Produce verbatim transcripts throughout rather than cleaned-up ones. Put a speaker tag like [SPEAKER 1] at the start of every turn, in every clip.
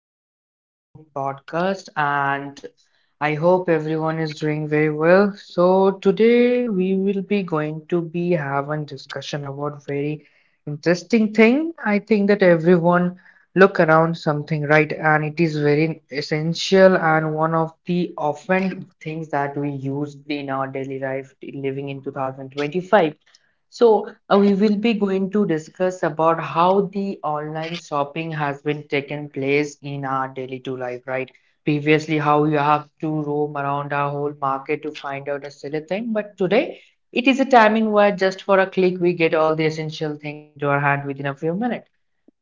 [SPEAKER 1] to another new podcast. And I hope everyone is doing very well. So, today we will be going to be having discussion about very interesting thing. I think that everyone look around something, right? And it is very essential and one of the often things that we use in our daily life living in two thousand twenty-five. So, uh, we will be going to discuss about how the online shopping has been taken place in our daily to life, right? Previously, how you have to roam around our whole market to find out a silly thing, but today it is a timing where just for a click we get all the essential thing into our hand within a few minutes.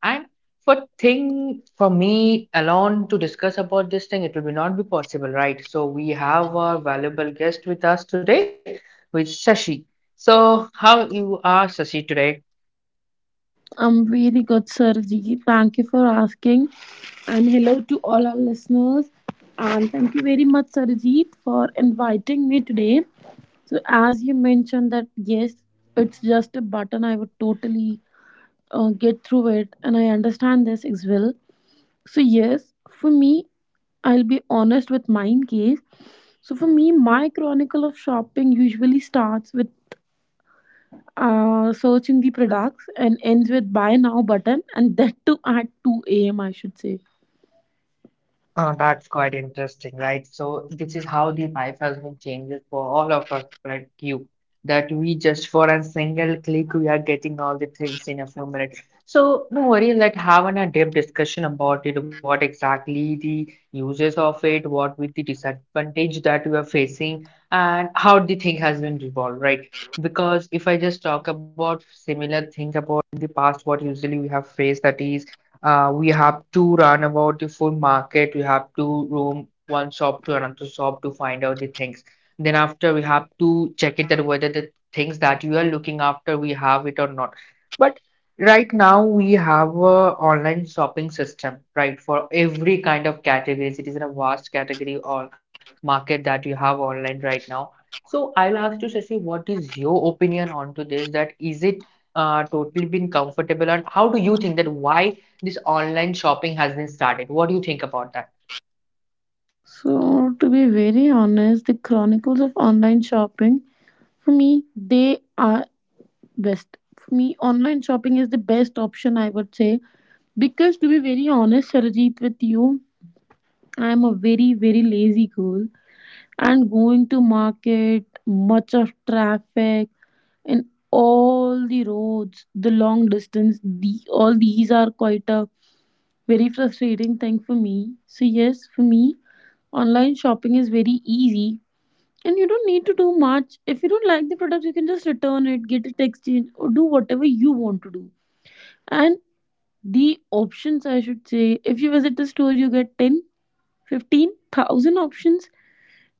[SPEAKER 1] And for thing for me alone to discuss about this thing, it will be not be possible, right? So we have our valuable guest with us today, with Sashi. So how you are, Sashi, today?
[SPEAKER 2] I'm very good, Sarji. Thank you for asking. And hello to all our listeners. And thank you very much, Sarjeet, for inviting me today. So, as you mentioned, that yes, it's just a button, I would totally uh, get through it. And I understand this as well. So, yes, for me, I'll be honest with mine case. So, for me, my chronicle of shopping usually starts with uh, searching the products and ends with buy now button, and that too at two a m, I should say.
[SPEAKER 1] Uh, that's quite interesting, right? So this is how the biofilm changes for all of us, like you, that we just for a single click we are getting all the things in a few minutes. So no worry, let's have an a deep discussion about it. What exactly the uses of it, what with the disadvantage that we are facing, and how the thing has been resolved, right? Because if I just talk about similar thing about the past, what usually we have faced that is uh, we have to run about the full market. We have to roam one shop to another shop to find out the things. Then after we have to check it that whether the things that you are looking after we have it or not. But right now we have a online shopping system, right? For every kind of categories, it is in a vast category or market that you have online right now. So I'll ask you, Shashi, what is your opinion onto this? That is it uh, totally been comfortable, and how do you think that why this online shopping has been started? What do you think about that?
[SPEAKER 2] So to be very honest, the chronicles of online shopping for me, they are best. For me, online shopping is the best option, I would say, because to be very honest, Sarajit, with you, I am a very very lazy girl, and going to market, much of traffic, and all the roads, the long distance, the all these are quite a very frustrating thing for me. So, yes, for me, online shopping is very easy and you don't need to do much. If you don't like the product, you can just return it, get it exchanged, or do whatever you want to do. And the options, I should say, if you visit the store, you get ten, fifteen thousand options.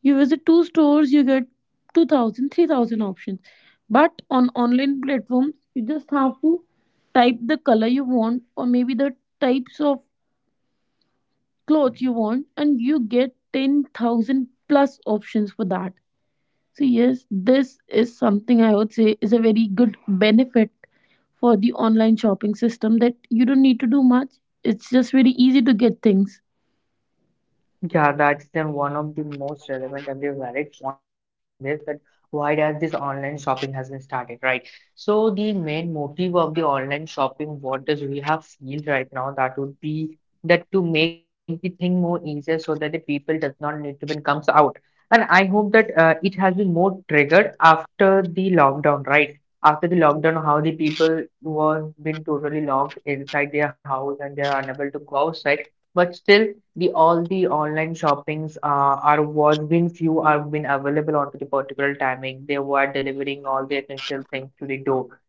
[SPEAKER 2] You visit two stores, you get two thousand, three thousand options. But on online platforms, you just have to type the color you want, or maybe the types of clothes you want, and you get ten thousand plus options for that. So, yes, this is something I would say is a very good benefit for the online shopping system, that you don't need to do much. It's just very easy to get things.
[SPEAKER 1] Yeah, that's then one of the most relevant and the valid point regarding this that why does this online shopping has been started, right? So the main motive of the online shopping, what does we have feel right now, that would be that to make the thing more easier so that the people does not need to be comes out. And I hope that uh, it has been more triggered after the lockdown, right? After the lockdown, how the people were been totally locked inside their house and they are unable to go outside but still, the all the online shoppings uh, are was been few are been available onto the particular timing. They were delivering all the essential things to the door.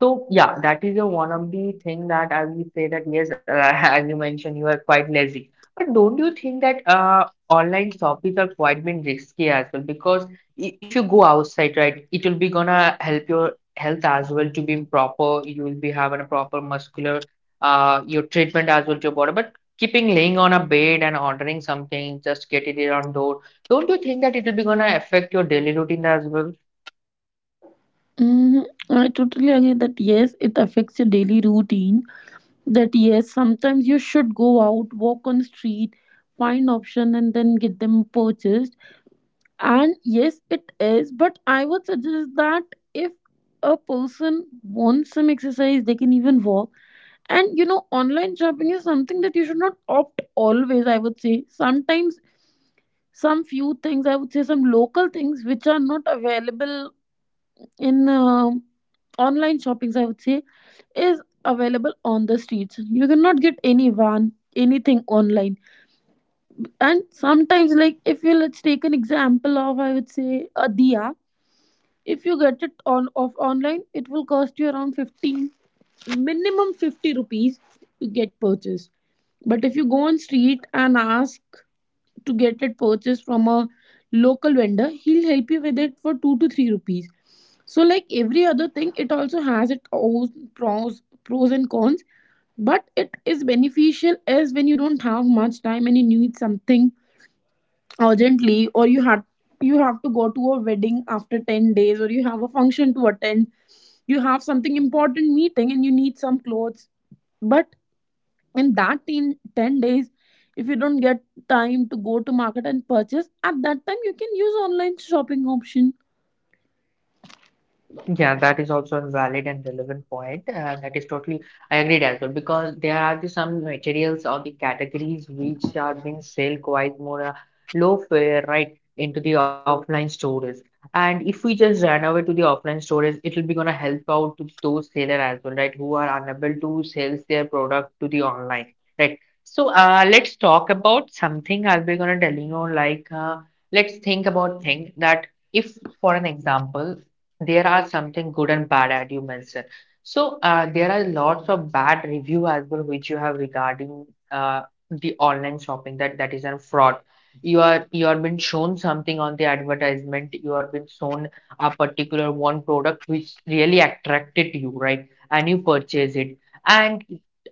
[SPEAKER 1] So yeah, that is a one of the thing that I will say that yes, uh, as you mentioned, you are quite lazy. But don't you think that uh, online shoppings are quite been risky as well? Because i- if you go outside, right, it will be gonna help your health as well to be proper. You will be having a proper muscular uh your treatment as well to your body. But keeping laying on a bed and ordering something, just get it on door. Don't you think that it will be gonna affect your daily routine as well?
[SPEAKER 2] Mm, I totally agree that yes, it affects your daily routine. That yes, sometimes you should go out, walk on the street, find option, and then get them purchased. And yes, it is, but I would suggest that if a person wants some exercise, they can even walk. And you know, online shopping is something that you should not opt always, I would say. Sometimes, some few things, I would say, some local things which are not available in um online shoppings, I would say, is available on the streets. You cannot get any van, anything online. And sometimes, like if you— let's take an example of, I would say, a diya, if you get it on off online, it will cost you around fifteen, minimum fifty rupees, to get purchased. But if you go on street and ask to get it purchased from a local vendor, he'll help you with it for two to three rupees. So like every other thing, it also has its own pros pros and cons. But it is beneficial as when you don't have much time and you need something urgently, or you have you have to go to a wedding after ten days, or you have a function to attend, you have something important meeting and you need some clothes, but in that ten, ten days, if you don't get time to go to market and purchase, at that time you can use online shopping option.
[SPEAKER 1] Yeah, that is also a valid and relevant point. Uh, that is totally, I agreed as well because there are the, some materials or the categories which are being sold quite more uh, low fare, right, into the offline stores. And if we just run over to the offline stores, it will be gonna help out to those seller as well, right, who are unable to sell their product to the online, right? So uh, let's talk about something I'll be gonna tell you know, like uh, let's think about thing that if for an example there are something good and bad at you mentioned. So uh, there are lots of bad review as well which you have regarding uh, the online shopping that that is a fraud. You are you are been shown something on the advertisement. You are been shown a particular one product which really attracted you, right? And you purchase it. And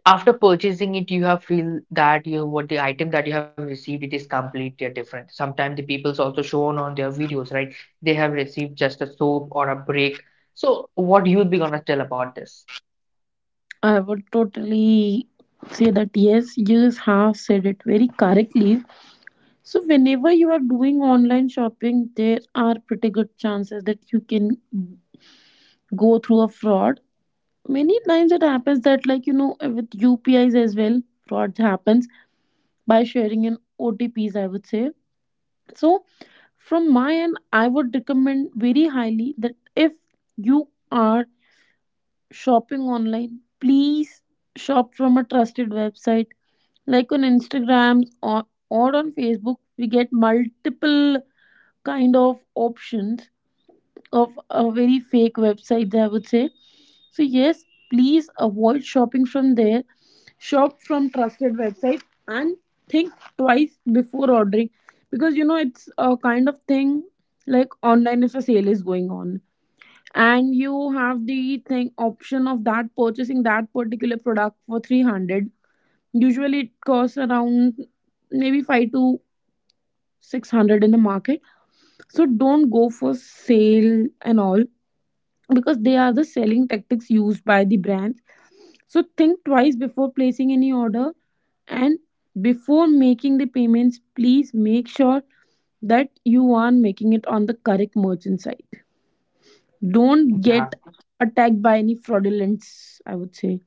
[SPEAKER 1] after purchasing it, you have feel that you what the item that you have received it is completely different. Sometimes the people's also shown on their videos, right? They have received just a soap or a break. So, what you be gonna tell about this?
[SPEAKER 2] I would totally say that yes, you have said it very correctly. So whenever you are doing online shopping, there are pretty good chances that you can go through a fraud. Many times it happens that, like, you know, with U P Is as well, fraud happens by sharing in O T Ps, I would say. So from my end I would recommend very highly that if you are shopping online, please shop from a trusted website. Like on Instagram, or, or on Facebook, we get multiple kind of options of a very fake website, I would say. So yes, please avoid shopping from there. Shop from trusted website. And think twice before ordering, because you know it's a kind of thing, like, online, if a sale is going on and you have the thing option of that purchasing that particular product for three hundred, usually it costs around maybe five to six hundred in the market. So don't go for sale and all, because they are the selling tactics used by the brand. So think twice before placing any order, and before making the payments, please make sure that you are making it on the correct merchant site. Don't get attacked by any fraudulence, I would say.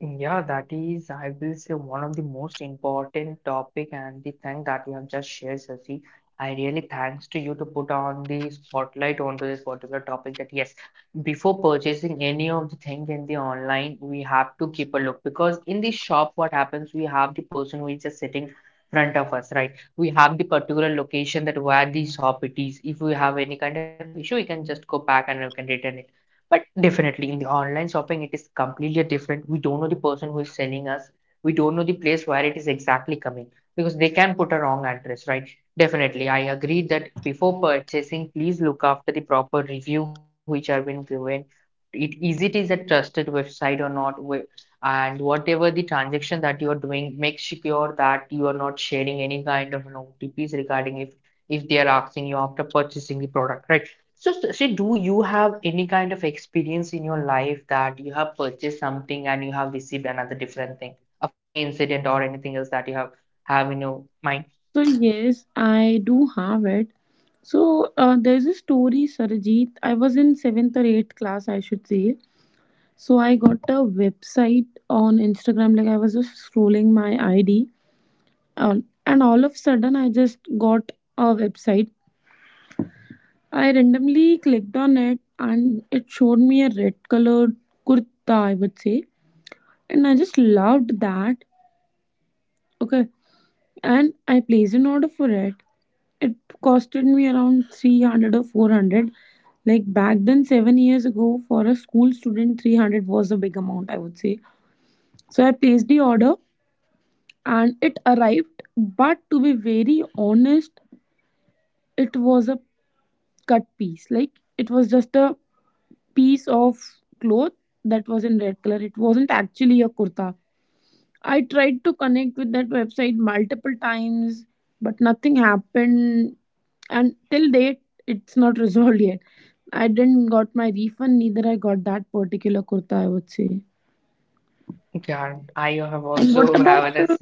[SPEAKER 1] Yeah, that is, I will say, one of the most important topic and the thing that you have just shared, Sasi. I really thanks to you to put on the spotlight onto this particular topic that yes, before purchasing any of the thing in the online, we have to keep a look because in the shop, what happens, we have the person who is just sitting front of us, right? We have the particular location that where the shop it is. If we have any kind of issue, we can just go back and we can return it. But definitely in the online shopping, it is completely different. We don't know the person who is selling us. We don't know the place where it is exactly coming because they can put a wrong address, right? Definitely. I agree that before purchasing, please look after the proper review which are been given. It is it is a trusted website or not, wh- and whatever the transaction that you are doing, make sure that you are not sharing any kind of you know, O T Ps regarding if if they are asking you after purchasing the product, right? So, Sri, do you have any kind of experience in your life that you have purchased something and you have received another different thing? A funny incident or anything else that you have have in your mind?
[SPEAKER 2] So, yes, I do have it. So, uh, there's a story, Sarajit. I was in seventh or eighth class, I should say. So, I got a website on Instagram. Like, I was just scrolling my I D. All- and all of a sudden I just got a website. I randomly clicked on it and it showed me a red colored kurta, I would say, and I just loved that. Okay. And I placed an order for it. It costed me around three hundred or four hundred. Like back then, seven years ago, for a school student three hundred was a big amount, I would say. So I placed the order and it arrived. But to be very honest, it was a cut piece. Like, it was just a piece of cloth that was in red color. It wasn't actually a kurta. I tried to connect with that website multiple times, but nothing happened. And till date, it's not resolved yet. I didn't got my refund, neither I got that particular kurta, I would say.
[SPEAKER 1] Yeah, I have
[SPEAKER 2] And what
[SPEAKER 1] also
[SPEAKER 2] about
[SPEAKER 1] have an.
[SPEAKER 2] the—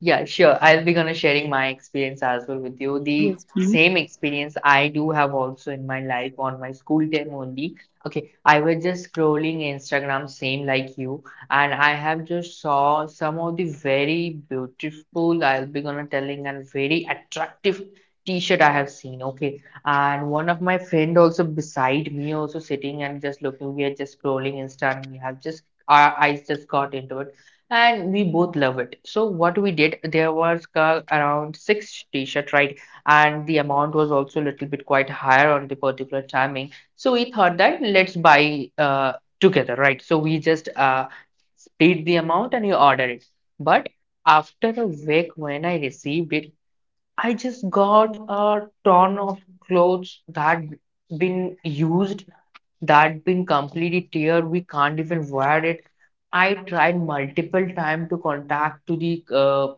[SPEAKER 1] Yeah, sure. I'll be gonna sharing my experience as well with you. The
[SPEAKER 2] Yes, please?
[SPEAKER 1] same experience I do have also in my life on my school time only. Okay, I was just scrolling Instagram, same like you, and I have just saw some of the very beautiful, I'll be gonna telling and very attractive t-shirt I have seen. Okay, and one of my friend also beside me also sitting and just looking. We are just scrolling Insta, and we have just our eyes just got into it and we both love it. So what we did, there was uh, around six t-shirt, right? And the amount was also a little bit quite higher on the particular timing. So we thought that let's buy uh, together, right? So we just uh, split the amount and we ordered it. But after a week when I received it, I just got a ton of clothes that been used that been completely tear. We can't even wear it. I tried multiple time to contact to the uh,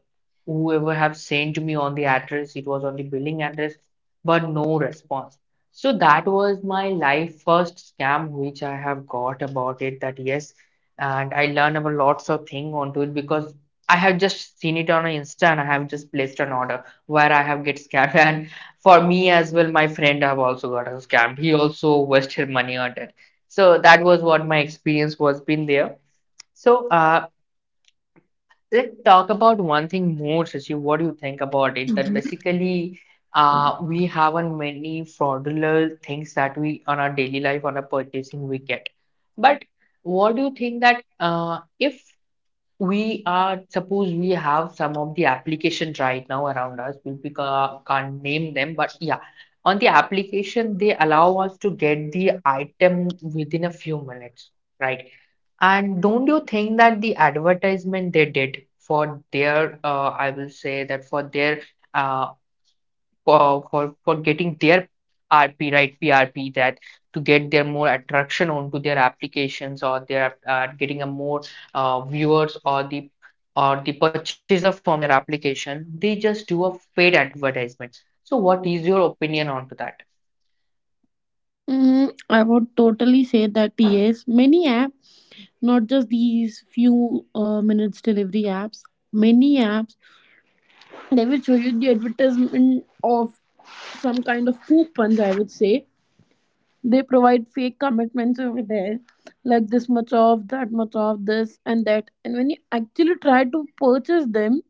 [SPEAKER 1] whoever have sent me on the address. It was on the billing address, but no response. So that was my life first scam which I have got about it. That yes, and I learned about lots of thing onto it because I have just seen it on Insta and I have just placed an order where I have get scammed and for me as well, my friend have also got scammed. He also wasted money on it. So that was what my experience was been there. So uh, let's talk about one thing more, Shashi. What do you think about it? That
[SPEAKER 2] Mhm.
[SPEAKER 1] basically uh, we have on many fraudulent things that we on our daily life on our purchasing we get. But what do you think that uh, if we are suppose we have some of the applications right now around us we we ca- can't name them but yeah on the application they allow us to get the item within a few minutes, right? And don't you think that the advertisement they did for their uh, I will say that for their uh, for for for getting their R P, right, P R P, that to get their more attraction onto their applications or they're uh, getting a more uh, viewers or the or the purchaser from their application they just do a paid advertisement. So what is your opinion onto that?
[SPEAKER 2] Mm, I would totally say that yes, many apps, not just these few uh, minutes delivery apps, many apps, they will show you the advertisement of some kind of coupons, I would say. They provide fake commitments over there, like this much off, that much off, this and that. And when you actually try to purchase them,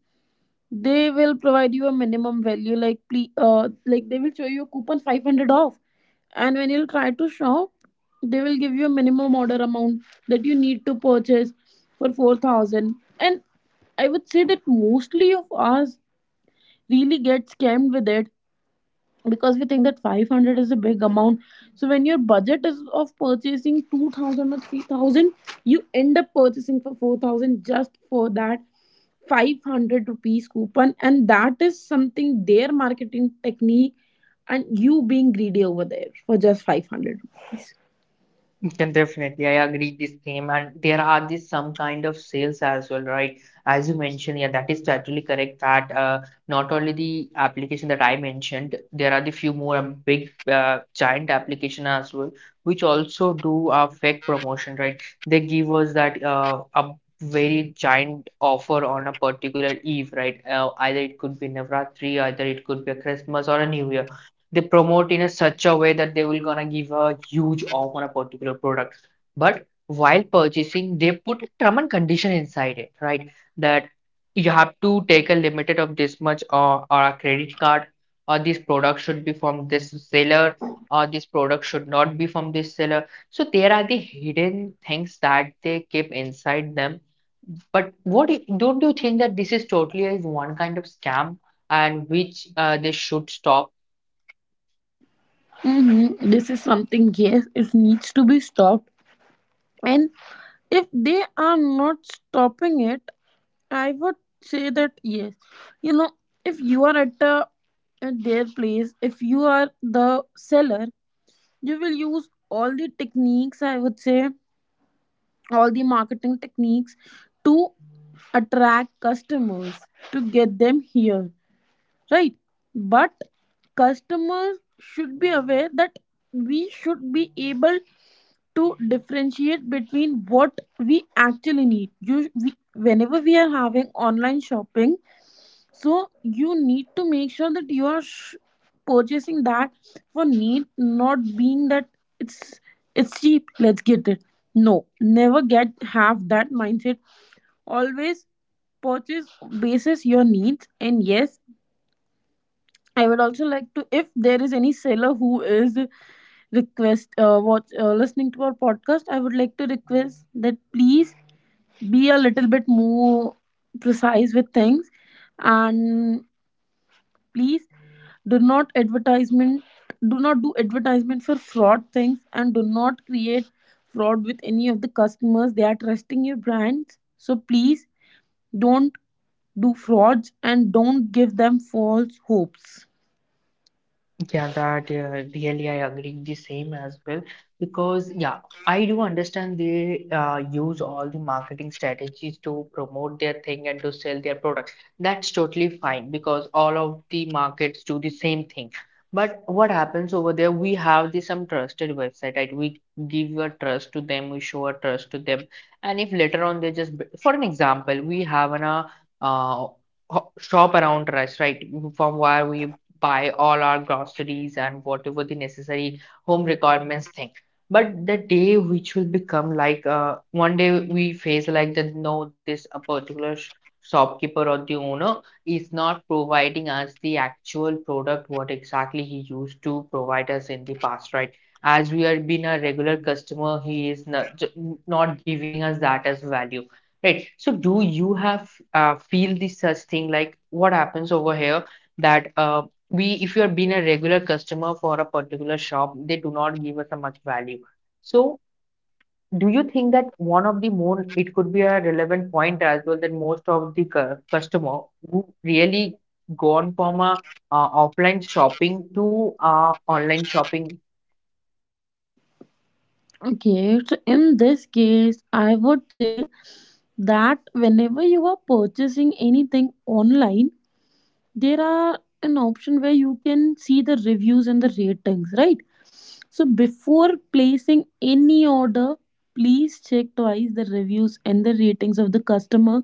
[SPEAKER 2] they will provide you a minimum value, like ple- uh, like they will show you a coupon five hundred off, and when you'll try to shop, they will give you a minimum order amount that you need to purchase for four thousand. And I would say that mostly of us really get scammed with it, because we think that five hundred is a big amount. So when your budget is of purchasing two thousand or three thousand, you end up purchasing for four thousand just for that five hundred rupees coupon, and that is something their marketing technique, and you being greedy over there for just five hundred rupees.
[SPEAKER 1] Can definitely, I agree the same. And there are this some kind of sales as well, right? As you mentioned, yeah, that is totally correct. That uh, not only the application that I mentioned, there are the few more um, big uh, giant application as well, which also do a fake promotion, right? They give us that uh, a very giant offer on a particular eve, right? Uh, either it could be Navratri, either it could be a Christmas or a New Year, they promote in a such a way that they will gonna give a huge off on a particular product. But while purchasing, they put term and condition inside it, right? That you have to take a limited of this much or, or a credit card or this product should be from this seller or this product should not be from this seller. So there are the hidden things that they keep inside them. But what do you- don't you think that this is totally is one kind of scam and which uh, they should stop?
[SPEAKER 2] Hmm, this is something, yes, it needs to be stopped. And if they are not stopping it, I would say that yes, you know, if you are at a at their place, if you are the seller, you will use all the techniques, I would say, all the marketing techniques, to attract customers, to get them here, right? But customers should be aware that we should be able to differentiate between what we actually need, you we, whenever we are having online shopping. So you need to make sure that you are sh- purchasing that for need, not being that it's it's cheap, let's get it. No, never get have that mindset. Always purchase basis your needs. And yes, I would also like to, if there is any seller who is request uh, watch uh, listening to our podcast, I would like to request that please be a little bit more precise with things. And please, do not advertisement, do not do advertisement for fraud things, and do not create fraud with any of the customers. They are trusting your brands, so please don't do frauds and don't give them false hopes.
[SPEAKER 1] Yeah, that uh, really I agree the same as well because yeah, I do understand they uh, use all the marketing strategies to promote their thing and to sell their product. That's totally fine because all of the markets do the same thing. But what happens over there? We have the some trusted website, right? We give a trust to them, we show a trust to them, and if later on they just, for an example, we have an uh, uh, ho- shop around us, right? From where we buy all our groceries and whatever the necessary home requirements thing. But the day which will become like uh, one day we face like that no, this a particular sh- shopkeeper or the owner is not providing us the actual product what exactly he used to provide us in the past, right? As we are been a regular customer, he is not, not giving us that as value. Right. So do you have uh, feel the such thing like what happens over here that uh, we if you have been a regular customer for a particular shop, they do not give us a much value. So do you think that one of the more it could be a relevant point as well that most of the cu- customer who really gone from a uh, offline shopping to uh, online shopping
[SPEAKER 2] Okay, so in this case, I would say that whenever you are purchasing anything online, there are an option where you can see the reviews and the ratings, right? So before placing any order, please check twice the reviews and the ratings of the customer.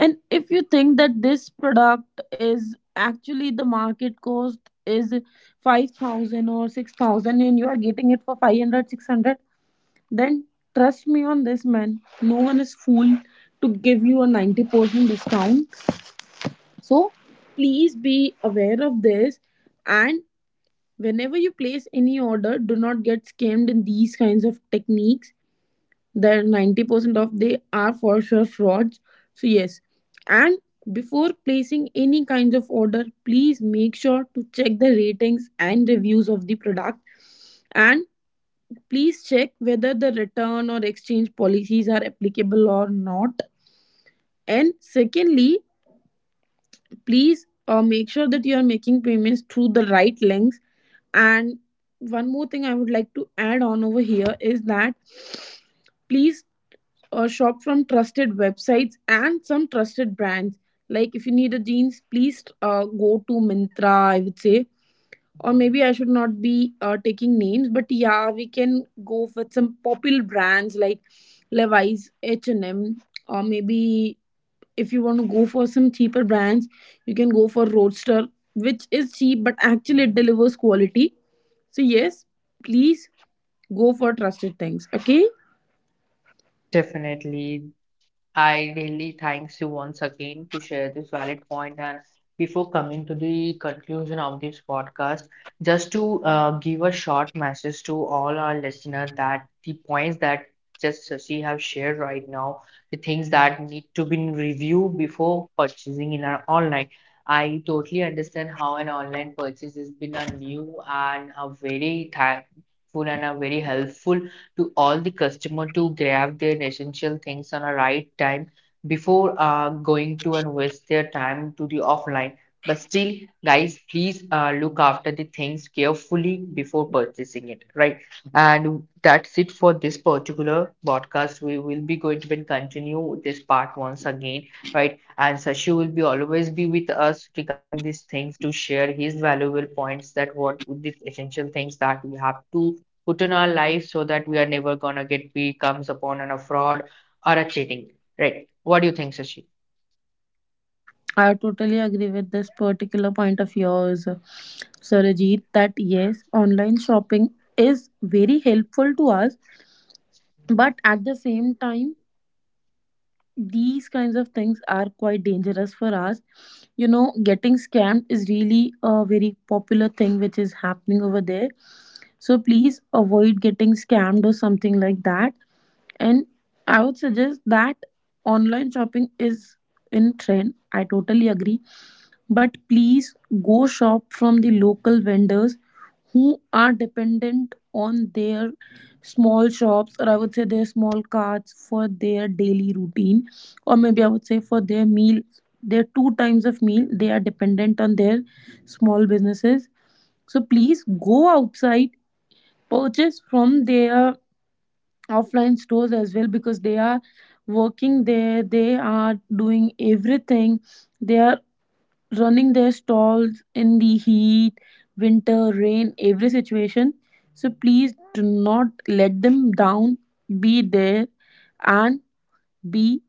[SPEAKER 2] And if you think that this product is actually— the market cost is five thousand or six thousand and you are getting it for five hundred, six hundred, then trust me on this, man, no one is fool to give you a ninety percent discount. So please be aware of this. And whenever you place any order, do not get scammed in these kinds of techniques. The ninety percent of they are for sure frauds. So yes. And before placing any kinds of order, please make sure to check the ratings and reviews of the product, and please check whether the return or exchange policies are applicable or not. And secondly, please uh, make sure that you are making payments through the right links. And one more thing I would like to add on over here is that please uh, shop from trusted websites and some trusted brands. Like if you need a jeans, please uh, go to mintra, I would say. Or maybe I should not be uh, taking names, but yeah, we can go with some popular brands like Levi's, H and M, or maybe if you want to go for some cheaper brands, you can go for Roadster, which is cheap but actually it delivers quality. So yes, please go for trusted things. Okay.
[SPEAKER 1] definitely. I really thanks you once again to share this valid point. And before coming to the conclusion of this podcast, just to uh, give a short message to all our listeners that the points that just Sasi have shared right now, the things that need to be reviewed before purchasing in our online. I totally understand how an online purchase has been a new and a very thankful and a very helpful to all the customer to grab their essential things on a right time before uh, going to and waste their time to the offline. But still, guys, please uh, look after the things carefully before purchasing it, right? And that's it for this particular podcast. We will be going to continue this part once again, right? And Sashi will be always be with us regarding these things to share his valuable points that what the essential things that we have to put in our life so that we are never gonna get becomes upon on a fraud or a cheating. Right. What do you think, Sashi?
[SPEAKER 2] I totally agree with this particular point of yours, Sarajit, that yes, online shopping is very helpful to us, but at the same time, these kinds of things are quite dangerous for us. You know, getting scammed is really a very popular thing which is happening over there. So please avoid getting scammed or something like that. And I would suggest that online shopping is in trend, I totally agree, but please go shop from the local vendors who are dependent on their small shops, or I would say their small carts, for their daily routine, or maybe I would say for their meal, their two times of meal, they are dependent on their small businesses. So please go outside, purchase from their offline stores as well, because they are working there, they are doing everything, they are running their stalls in the heat, winter, rain, every situation. So please do not let them down. Be there, and be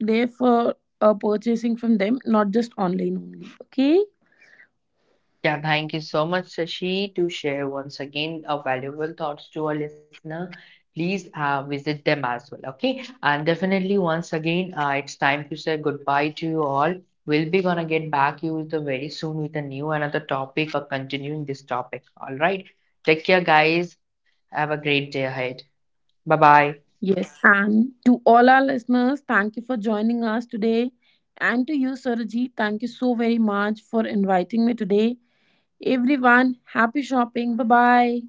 [SPEAKER 2] there for uh, purchasing from them, not just online only. Okay.
[SPEAKER 1] Yeah, thank you so much, Sashi, to share once again our valuable thoughts to our listener. Please uh, visit them as well. Okay. And definitely once again, uh, it's time to say goodbye to you all. We'll be gonna get back you with the very soon with a new another topic or continuing this topic. All right. Take care, guys. Have a great day ahead. Bye bye.
[SPEAKER 2] Yes. And to all our listeners, thank you for joining us today. And to you, Saraji, thank you so very much for inviting me today. Everyone, happy shopping. Bye bye.